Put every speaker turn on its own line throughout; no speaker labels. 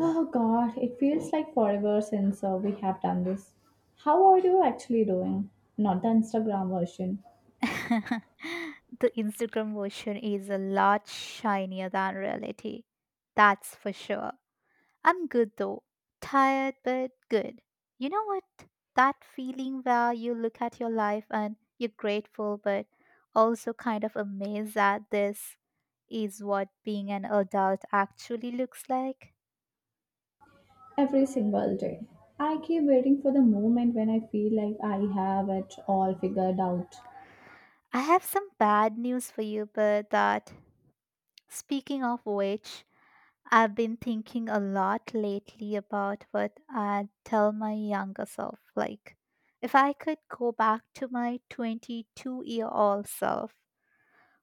Oh God, it feels like forever since we have done this. How are you actually doing? Not the Instagram version.
The Instagram version is a lot shinier than reality. That's for sure. I'm good though. Tired, but good. You know what? That feeling where you look at your life and you're grateful, but also kind of amazed that this is what being an adult actually looks like.
Every single day. I keep waiting for the moment when I feel like I have it all figured out.
I have some bad news for you, but that, speaking of which, I've been thinking a lot lately about what I'd tell my younger self. Like, if I could go back to my 22-year-old self,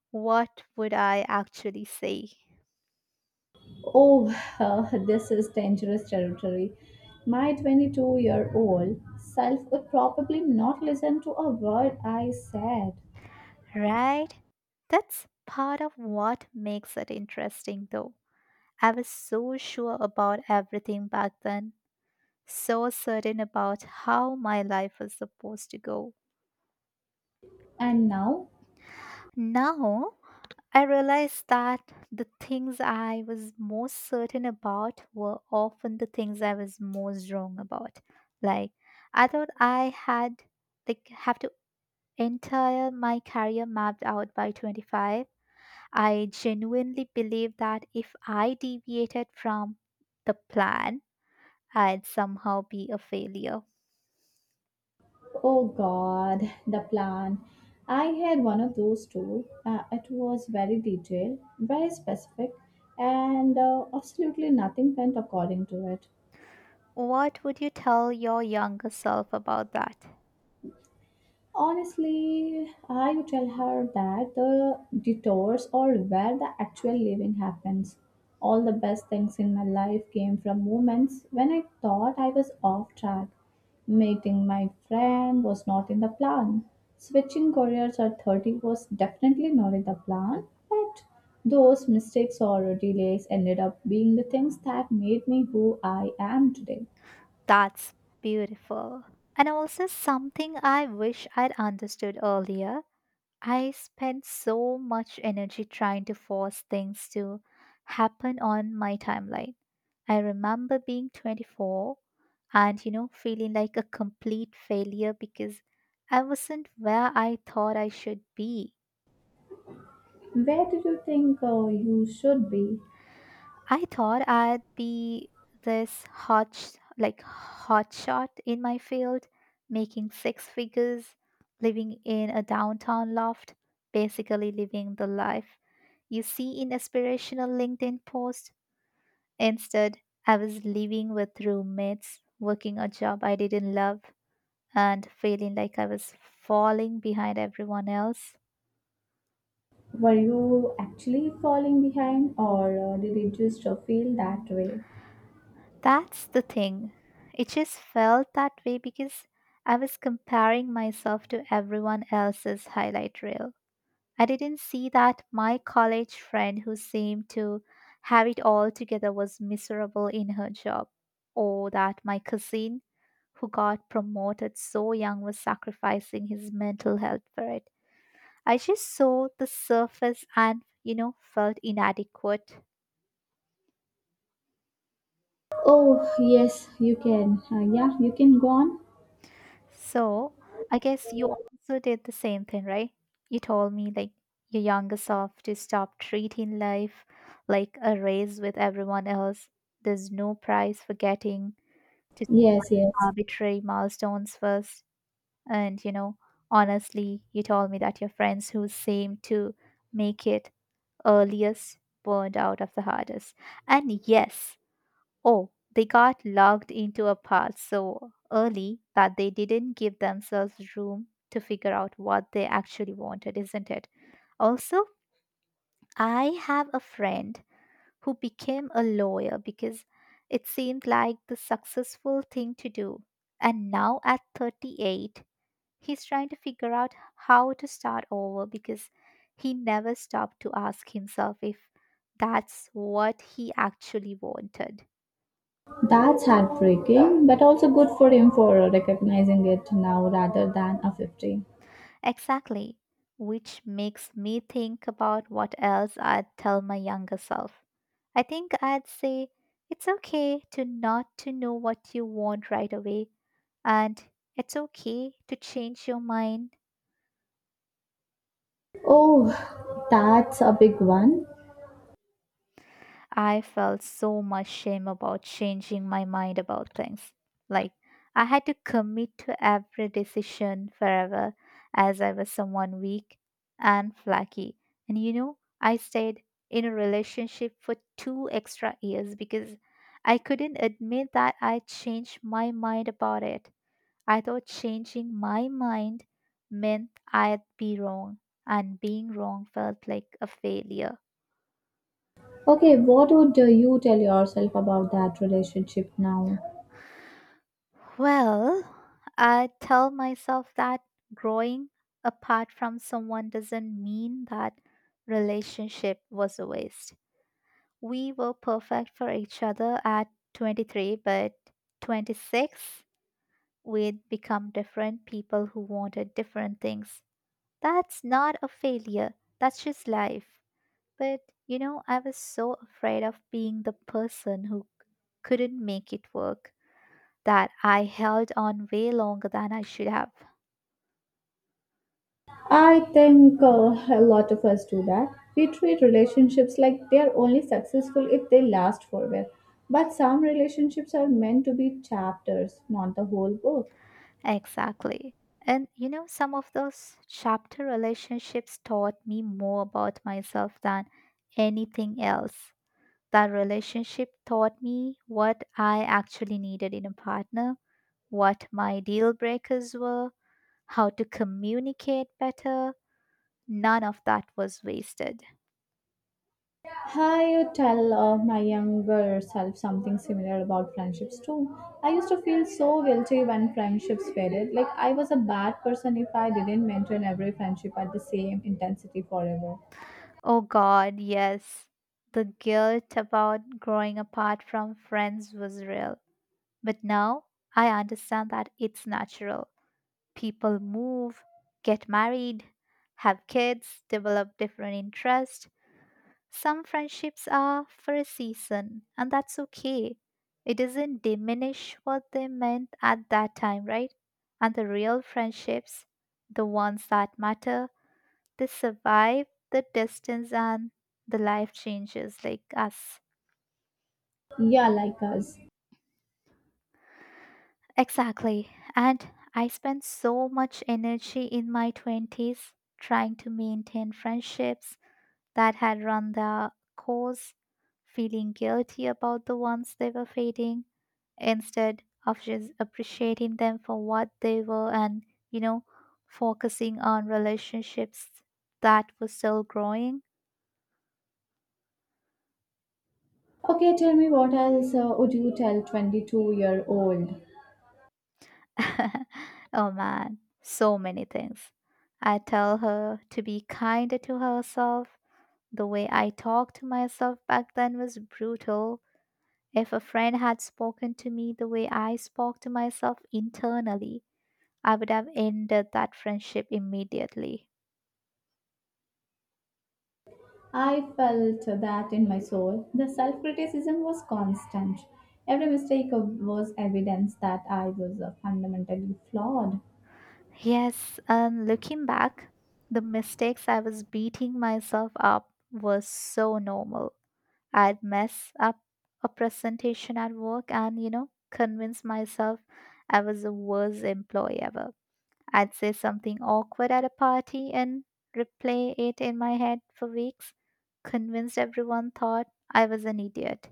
what would I actually say?
Oh, this is dangerous territory. My 22-year-old self would probably not listen to a word I said.
Right? That's part of what makes it interesting, though. I was so sure about everything back then, so certain about how my life was supposed to go.
And now.
Now, I realized that the things I was most certain about were often the things I was most wrong about. Like I thought I had like have to entire my career mapped out by 25. I genuinely believed that if I deviated from the plan, I'd somehow be a failure.
Oh God, the plan. I had one of those too. It was very detailed, very specific, and absolutely nothing went according to it.
What would you tell your younger self about that?
Honestly, I would tell her that the detours or where the actual living happens. All the best things in my life came from moments when I thought I was off track. Meeting my friend was not in the plan. Switching careers at 30 was definitely not in the plan, but those mistakes or delays ended up being the things that made me who I am today.
That's beautiful. And also something I wish I'd understood earlier. I spent so much energy trying to force things to happen on my timeline. I remember being 24 and, you know, feeling like a complete failure because I wasn't where I thought I should be.
Where do you think you should be?
I thought I'd be this hot, like hotshot in my field, making six figures, living in a downtown loft, basically living the life you see in aspirational LinkedIn posts. Instead, I was living with roommates, working a job I didn't love, and feeling like I was falling behind everyone else.
Were you actually falling behind, or did it just feel that way?
That's the thing. It just felt that way because I was comparing myself to everyone else's highlight reel. I didn't see that my college friend who seemed to have it all together was miserable in her job, or that my cousin who got promoted so young was sacrificing his mental health for it. I just saw the surface and, you know, felt inadequate.
Oh, yes, you can. Yeah, you can go on.
So I guess you also did the same thing, right? You told me like your younger self to stop treating life like a race with everyone else. There's no prize for getting to some
Yes, yes.
arbitrary milestones first. And you know, honestly, you told me that your friends who seem to make it earliest burned out of the hardest. And yes, oh, they got locked into a pod so early that they didn't give themselves room to figure out what they actually wanted, isn't it? Also, I have a friend who became a lawyer because it seemed like the successful thing to do. And now at 38, he's trying to figure out how to start over because he never stopped to ask himself if that's what he actually wanted.
That's heartbreaking, but also good for him for recognizing it now rather than a 50.
Exactly. Which makes me think about what else I'd tell my younger self. I think I'd say it's okay to not to know what you want right away and it's okay to change your mind.
Oh, that's a big one.
I felt so much shame about changing my mind about things. Like, I had to commit to every decision forever, as I was someone weak and flaky. And you know, I stayed in a relationship for 2 extra years because I couldn't admit that I changed my mind about it. I thought changing my mind meant I'd be wrong, and being wrong felt like a failure.
Okay, what would you tell yourself about that relationship now?
Well, I tell myself that growing apart from someone doesn't mean that relationship was a waste. We were perfect for each other at 23, but 26, we'd become different people who wanted different things. That's not a failure, that's just life. But you know, I was so afraid of being the person who couldn't make it work that I held on way longer than I should have.
I think a lot of us do that. We treat relationships like they are only successful if they last forever. But some relationships are meant to be chapters, not the whole book.
Exactly. And you know, some of those chapter relationships taught me more about myself than anything else. That relationship taught me what I actually needed in a partner, what my deal breakers were, how to communicate better. None of that was wasted.
I you tell my younger self something similar about friendships too. I used to feel so guilty when friendships faded. Like I was a bad person if I didn't maintain every friendship at the same intensity forever.
Oh God, yes. The guilt about growing apart from friends was real. But now I understand that it's natural. People move, get married, have kids, develop different interests. Some friendships are for a season, and that's okay. It doesn't diminish what they meant at that time, right? And the real friendships, the ones that matter, they survive the distance and the life changes like us.
Yeah, like us.
Exactly. And I spent so much energy in my 20s trying to maintain friendships that had run their course, feeling guilty about the ones they were fading, instead of just appreciating them for what they were and, you know, focusing on relationships that were still growing.
Okay, tell me what else would you tell 22-year-old?
Oh man, so many things. I tell her to be kinder to herself. The way I talked to myself back then was brutal. If a friend had spoken to me the way I spoke to myself internally, I would have ended that friendship immediately.
I felt that in my soul. The self criticism was constant. Every mistake was evidence that I was fundamentally flawed.
Yes, and looking back, the mistakes I was beating myself up was so normal. I'd mess up a presentation at work and, you know, convince myself I was the worst employee ever. I'd say something awkward at a party and replay it in my head for weeks, convinced everyone thought I was an idiot.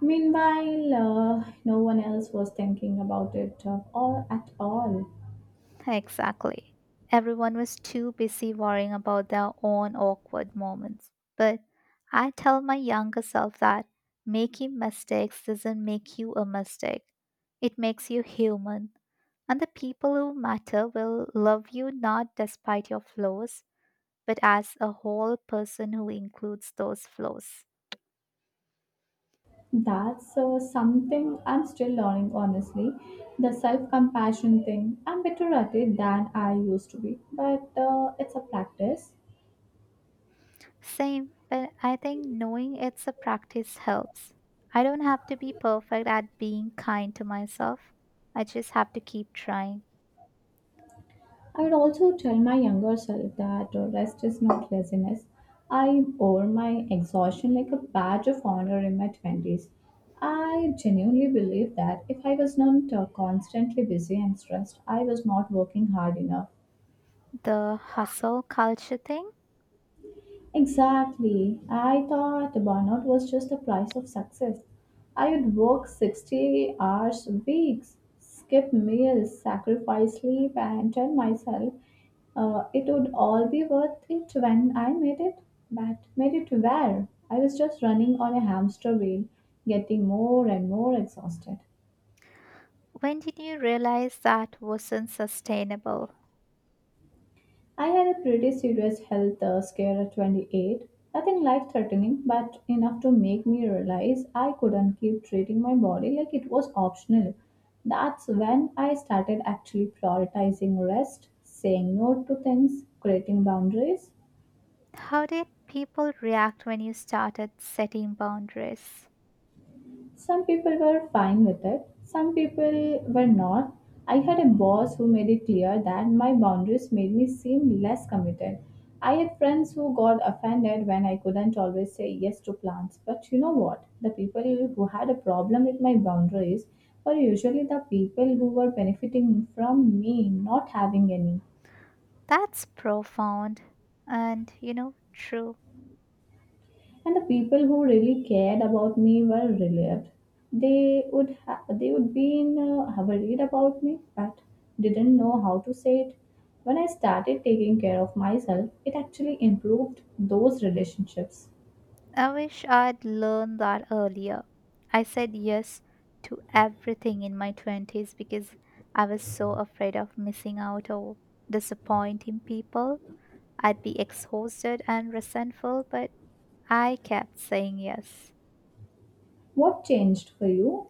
Meanwhile, no one else was thinking about it or at all.
Exactly. Everyone was too busy worrying about their own awkward moments. But I tell my younger self that making mistakes doesn't make you a mistake, it makes you human. And the people who matter will love you not despite your flaws, but as a whole person who includes those flaws.
That's something I'm still learning, honestly. The self compassion thing, I'm better at it than I used to be, but it's a practice.
Same, but I think knowing it's a practice helps. I don't have to be perfect at being kind to myself. I just have to keep trying.
I would also tell my younger self that rest is not laziness. I wore my exhaustion like a badge of honor in my 20s. I genuinely believe that if I was not constantly busy and stressed, I was not working hard enough.
The hustle culture thing?
Exactly. I thought burnout was just the price of success. I would work 60 hours weeks, skip meals, sacrifice sleep, and tell myself it would all be worth it when I made it. But made it where? I was just running on a hamster wheel, getting more and more exhausted.
When did you realize that wasn't sustainable?
I had a pretty serious health scare at 28. Nothing life threatening, but enough to make me realize I couldn't keep treating my body like it was optional. That's when I started actually prioritizing rest, saying no to things, creating boundaries.
How did people react when you started setting boundaries?
Some people were fine with it, some people were not. I had a boss who made it clear that my boundaries made me seem less committed. I had friends who got offended when I couldn't always say yes to plans. But you know what? The people who had a problem with my boundaries were usually the people who were benefiting from me not having any.
That's profound and, you know, true.
And the people who really cared about me were relieved. They would be in, worried about me, but didn't know how to say it. When I started taking care of myself, it actually improved those relationships.
I wish I'd learned that earlier. I said yes to everything in my 20s because I was so afraid of missing out or disappointing people. I'd be exhausted and resentful, but I kept saying yes.
What changed for you?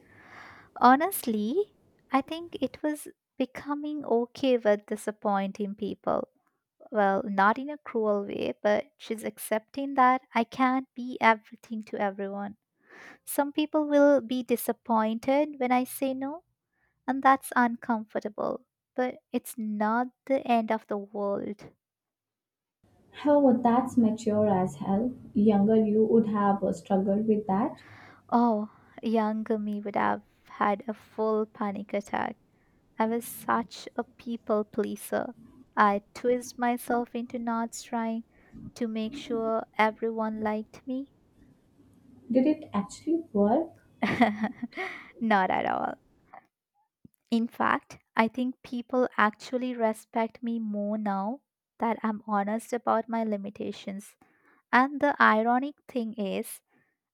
Honestly, I think it was becoming okay with disappointing people. Well, not in a cruel way, but she's accepting that I can't be everything to everyone. Some people will be disappointed when I say no, and that's uncomfortable, but it's not the end of the world.
However, that's mature as hell. Younger you would have struggled with that.
Oh, younger me would have had a full panic attack. I was such a people pleaser. I twist myself into knots trying to make sure everyone liked me.
Did it actually work?
Not at all. In fact, I think people actually respect me more now that I'm honest about my limitations. And the ironic thing is,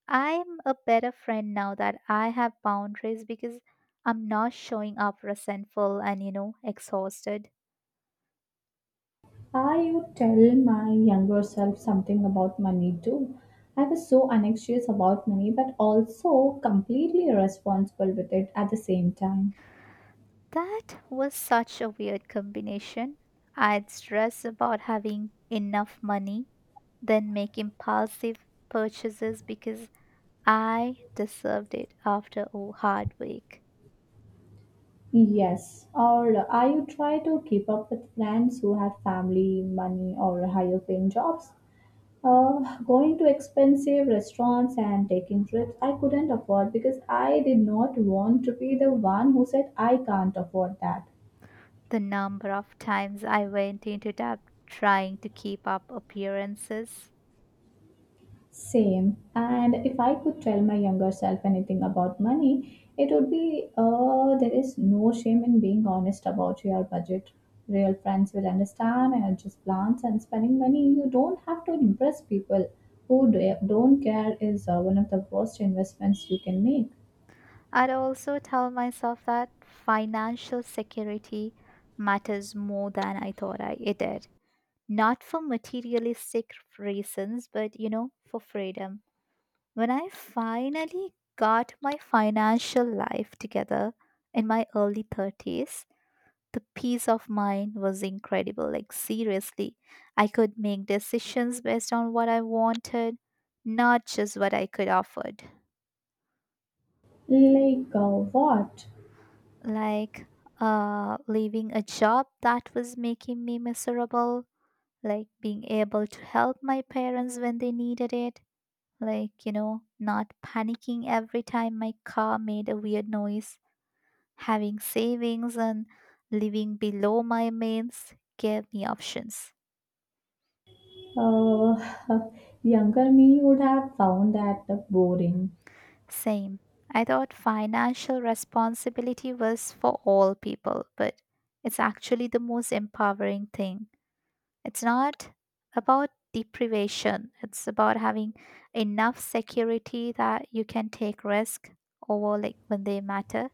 I'm a better friend now that I have boundaries because I'm not showing up resentful and, you know, exhausted.
I would tell my younger self something about money too? I was so anxious about money but also completely responsible with it at the same time.
That was such a weird combination. I'd stress about having enough money, then make impulsive purchases because I deserved it after a hard week.
Yes, or I would try to keep up with friends who have family, money, or higher paying jobs? Going to expensive restaurants and taking trips I couldn't afford because I did not want to be the one who said I can't afford that.
The number of times I went into debt trying to keep up appearances.
Same. And if I could tell my younger self anything about money, it would be there is no shame in being honest about your budget. Real friends will understand and adjust plans and spending money. You don't have to impress people who don't care is one of the worst investments you can make.
I'd also tell myself that financial security matters more than I thought I it did. Not for materialistic reasons, but you know, for freedom. When I finally got my financial life together in my early 30s, the peace of mind was incredible. Like, seriously, I could make decisions based on what I wanted, not just what I could afford.
Like what?
Like, leaving a job that was making me miserable, like being able to help my parents when they needed it, like, you know, not panicking every time my car made a weird noise, having savings and living below my means gave me options.
Uh, younger me would have found that boring.
Same. I thought financial responsibility was for all people, but it's actually the most empowering thing. It's not about deprivation, it's about having enough security that you can take risk over like when they matter.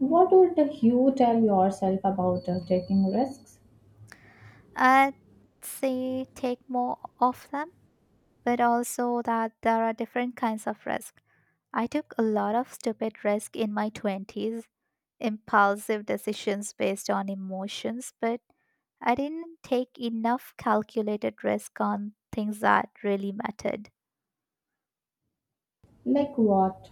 What would you tell yourself about taking risks?
I'd say take more of them, but also that there are different kinds of risk. I took a lot of stupid risk in my 20s, impulsive decisions based on emotions, but I didn't take enough calculated risk on things that really mattered.
Like what?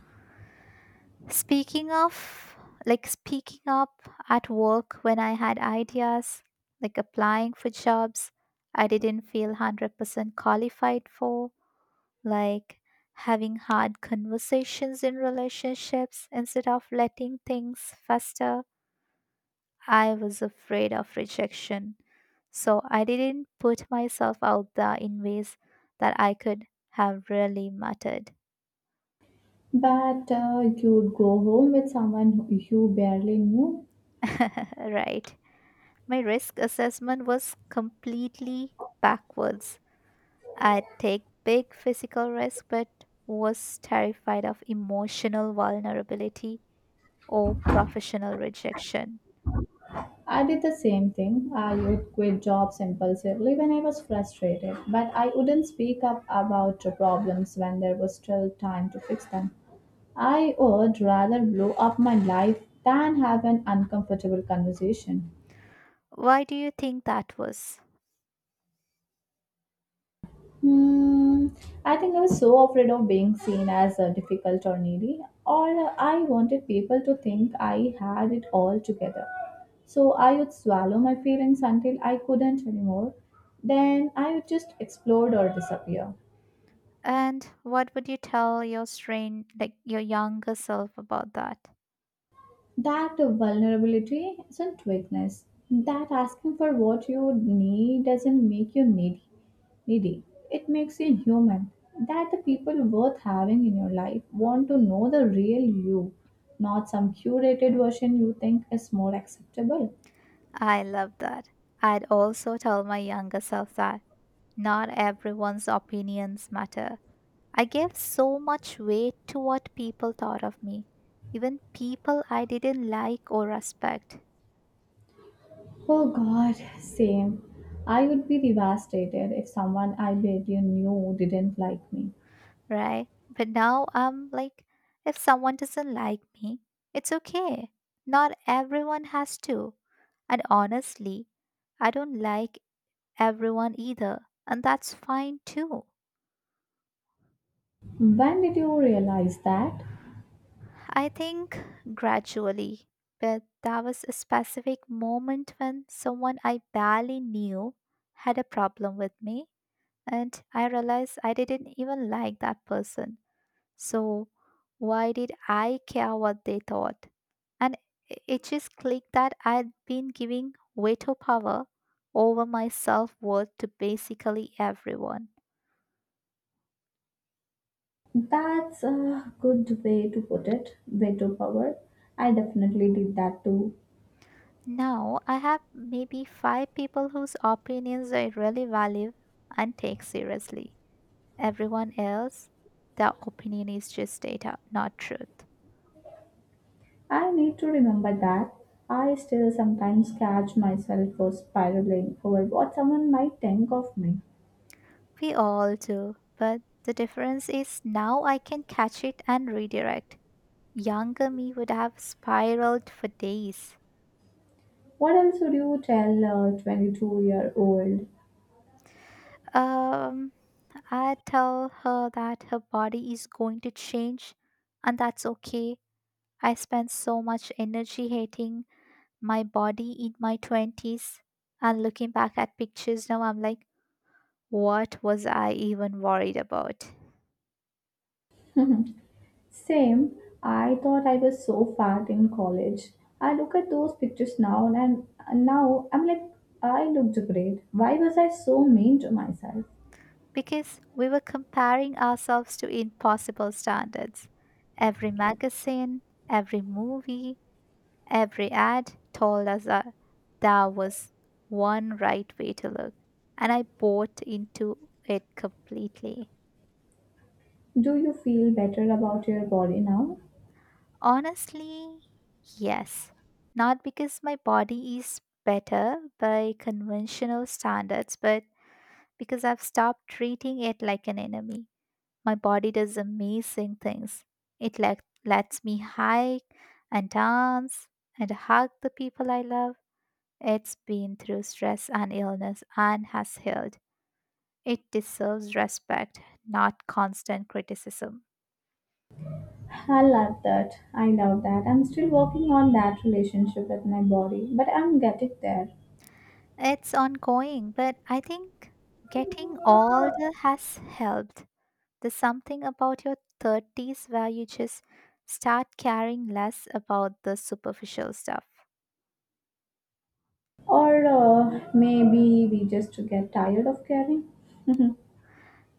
Speaking of, like speaking up at work when I had ideas, like applying for jobs I didn't feel 100% qualified for, like having hard conversations in relationships instead of letting things fester. I was afraid of rejection, so I didn't put myself out there in ways that I could have really mattered.
But you'd go home with someone you barely knew?
Right. My risk assessment was completely backwards. I'd take big physical risks but was terrified of emotional vulnerability or professional rejection.
I did the same thing. I would quit jobs impulsively when I was frustrated, but I wouldn't speak up about the problems when there was still time to fix them. I would rather blow up my life than have an uncomfortable conversation.
Why do you think that was?
Hmm, I think I was so afraid of being seen as difficult or needy, or I wanted people to think I had it all together. So I would swallow my feelings until I couldn't anymore. Then I would just explode or disappear.
And what would you tell your strain like your younger self about that?
That vulnerability isn't weakness. That asking for what you need doesn't make you needy. It makes you human. That the people worth having in your life want to know the real you, not some curated version you think is more acceptable.
I love that. I'd also tell my younger self that not everyone's opinions matter. I gave so much weight to what people thought of me, even people I didn't like or respect,
Oh God, same. I would be devastated if someone I barely knew didn't like me.
right? But now I'm like, if someone doesn't like me, it's okay. Not everyone has to. And honestly, I don't like everyone either, and that's fine too.
When did you realize that?
I think gradually, but there was a specific moment when someone I barely knew had a problem with me, and I realized I didn't even like that person. So, why did I care what they thought? And it just clicked that I'd been giving way too power over my self worth to basically everyone.
That's a good way to put it. Veto power. I definitely did that too.
Now I have maybe five people whose opinions I really value and take seriously. Everyone else, their opinion is just data, not truth.
I need to remember that. I still sometimes catch myself for spiraling over what someone might think of me.
We all do, but the difference is now I can catch it and redirect. Younger me would have spiraled for days.
What else would you tell a 22-year-old?
Um, I tell her that her body is going to change and that's okay. I spent so much energy hating my body in my 20s, and looking back at pictures now I'm like, what was I even worried about?
Same, I thought I was so fat in college. I look at those pictures now and now I'm like, I looked great. Why was I so mean to myself?
Because we were comparing ourselves to impossible standards. Every magazine, every movie, every ad told us that there was one right way to look, and I bought into it completely.
Do you feel better about your body now?
Honestly, yes. Not because my body is better by conventional standards, but because I've stopped treating it like an enemy. My body does amazing things. Lets me hike and dance and hug the people I love. It's been through stress and illness and has healed. It deserves respect, not constant criticism.
I love that. I love that. I'm still working on that relationship with my body, but I'm getting there.
It's ongoing, but I think getting older has helped. There's something about your 30s where you just start caring less about the superficial stuff.
Or maybe we just get tired of caring.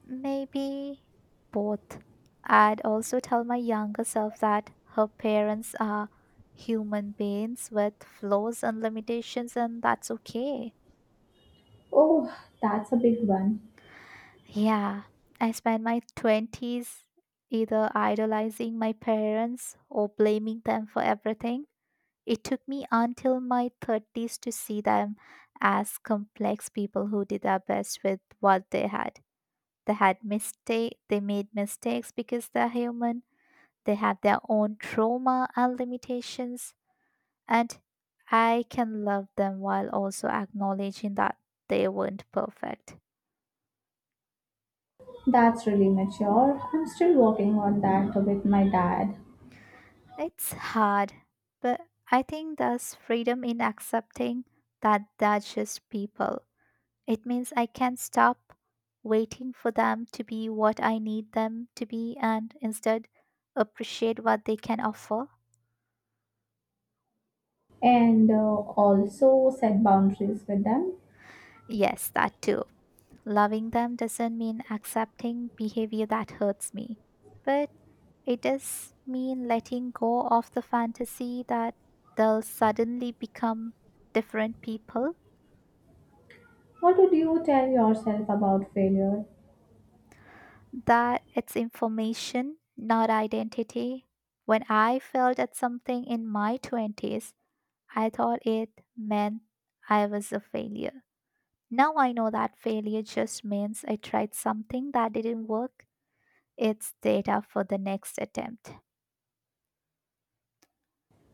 Maybe both. I'd also tell my younger self that her parents are human beings with flaws and limitations, and that's okay.
Oh, that's a big one.
Yeah, I spent my 20s either idolizing my parents or blaming them for everything. It took me until my 30s to see them as complex people who did their best with what they had. They made mistakes because they're human. They had their own trauma and limitations, and I can love them while also acknowledging that they weren't perfect.
That's really mature. I'm still working on that with my dad
It's hard, but I think there's freedom in accepting that they're just people. It means I can stop waiting for them to be what I need them to be and instead appreciate what they can offer.
and also set boundaries with them.
Yes, that too. Loving them doesn't mean accepting behavior that hurts me, but it does mean letting go of the fantasy that they'll suddenly become different people.
What would you tell yourself about failure?
That it's information, not identity. When I failed at something in my 20s, I thought it meant I was a failure. Now I know that failure just means I tried something that didn't work. It's data for the next attempt.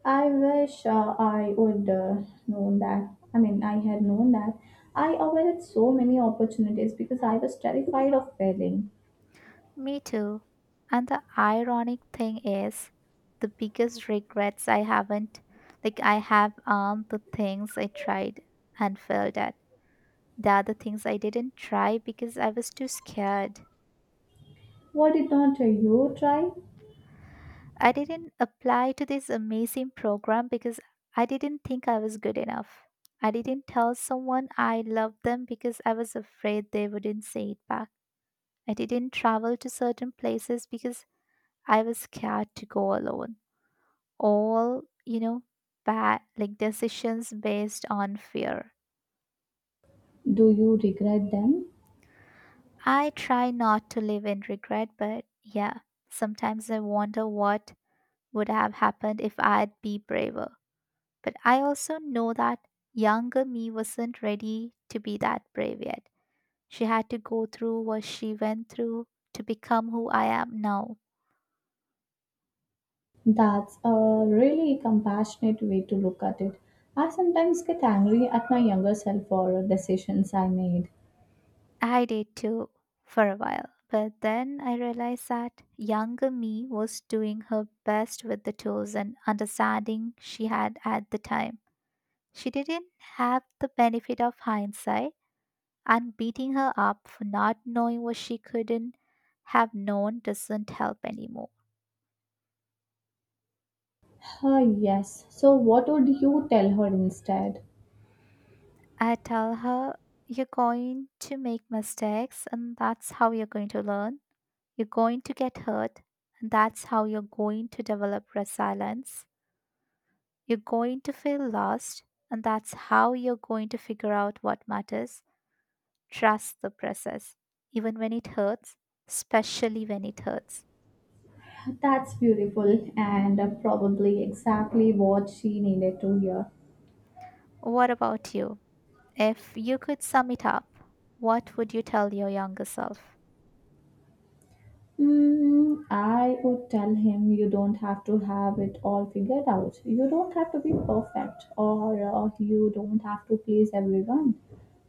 I wish I would known that. I mean, I had known that. I avoided so many opportunities because I was terrified of failing.
Me too. And the ironic thing is, the biggest regrets I haven't, like, I have aren't the things I tried and failed at. The other things I didn't try because I was too scared.
Why did not you try?
I didn't apply to this amazing program because I didn't think I was good enough. I didn't tell someone I loved them because I was afraid they wouldn't say it back. I didn't travel to certain places because I was scared to go alone. All, you know, bad like decisions based on fear.
Do you regret them?
I try not to live in regret, but yeah, sometimes I wonder what would have happened if I'd be braver. But I also know that younger me wasn't ready to be that brave yet. She had to go through what she went through to become who I am now.
That's a really compassionate way to look at it. I sometimes get angry at my younger self for decisions I made.
I did too for a while. But then I realized that younger me was doing her best with the tools and understanding she had at the time. She didn't have the benefit of hindsight. And beating her up for not knowing what she couldn't have known doesn't help anymore.
Ah, yes. So, what would you tell her instead?
I tell her, you're going to make mistakes, and that's how you're going to learn. You're going to get hurt, and that's how you're going to develop resilience. You're going to feel lost, and that's how you're going to figure out what matters. Trust the process, even when it hurts, especially when it hurts.
That's beautiful and probably exactly what she needed to hear.
What about you? If you could sum it up, what would you tell your younger self?
I would tell him you don't have to have it all figured out. You don't have to be perfect, or you don't have to please everyone.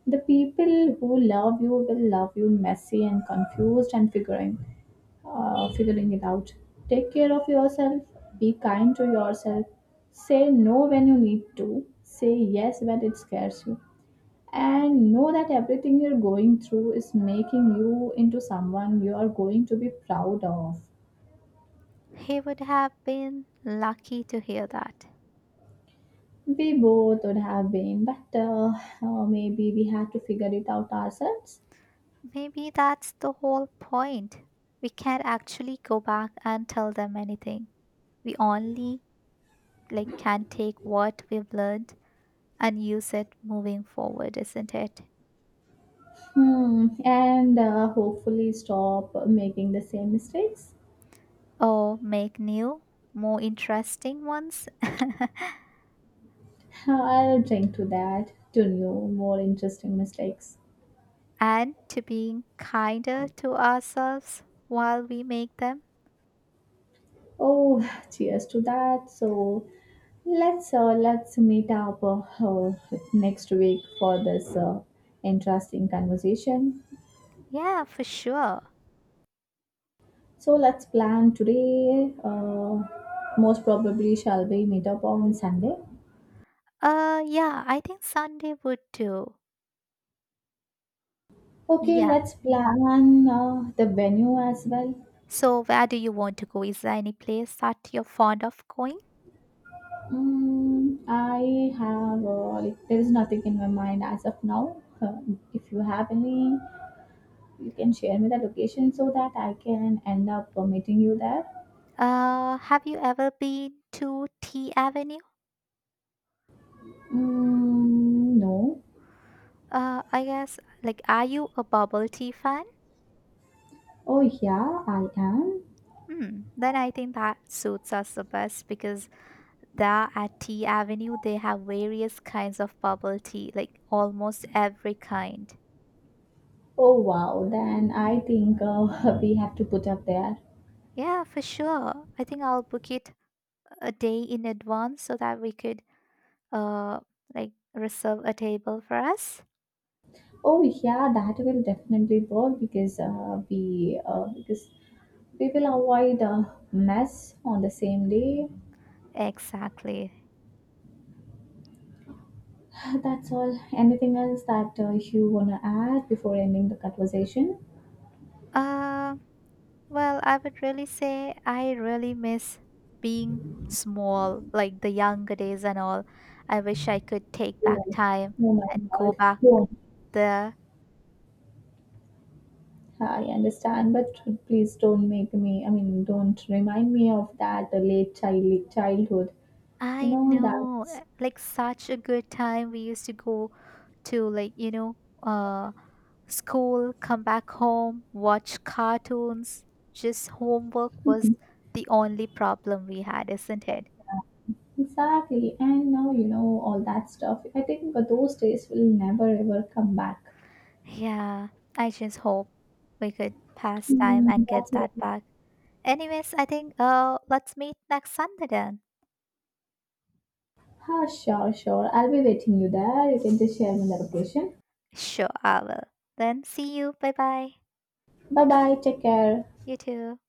The people who love you will love you messy and confused and figuring it out. Take care of yourself. Be kind to yourself. Say no when you need to. Say yes when it scares you and know that everything you're going through is making you into someone you are going to be proud of.
He would have been lucky to hear that.
We both would have been, but maybe we had to figure it out ourselves.
Maybe that's the whole point. We can't actually go back and tell them anything. We only like can take what we've learned and use it moving forward, isn't it?
Hmm. And hopefully stop making the same mistakes.
Or make new, more interesting ones.
I'll drink to that, to new, more interesting mistakes.
and to being kinder to ourselves while we make them.
Oh, cheers to that. So let's meet up next week for this interesting conversation.
Yeah, for sure.
So let's plan today. Most probably shall we meet up on Sunday.
Yeah, I think Sunday would do.
Okay,
Yeah.
let's plan the venue as well.
So, where do you want to go? Is there any place that you're fond of going?
I have like there is nothing in my mind as of now. If you have any, you can share me the location so that I can end up meeting you there.
Have you ever been to Tea Avenue?
Mm, no.
I guess, like, are you a bubble tea fan?
Oh, yeah, I am.
Hmm, then I think that suits us the best because there at Tea Avenue, they have various kinds of bubble tea, like almost every kind.
Oh, wow. Then I think we have to put up there.
Yeah, for sure. I think I'll book it a day in advance so that we could uh, like reserve a table for us?
Oh, yeah, that will definitely work because we will avoid mess on the same day.
Exactly.
That's all. Anything else that you wanna add before ending the conversation?
Uh, well, I would really say I really miss being small, like the younger days and all. I wish I could take back
Yes.
time
Oh my
and go
God.
back
Don't.
there.
I understand, but please don't make me. I mean, don't remind me of that late childhood. You
I
know,
know,
that's.
eh, like such a good time. We used to go to uh, school, come back home, watch cartoons. Just homework was the only problem we had, isn't it?
Exactly. And now all that stuff. I think those days will never ever come back.
Yeah, I just hope we could pass time and
That's
get
it.
that back. Anyways, I think let's meet next Sunday then.
Ah, sure, sure. I'll be waiting you there. You can just share me the location.
Sure, I will. Then see you. Bye bye.
Bye bye. Take care.
You too.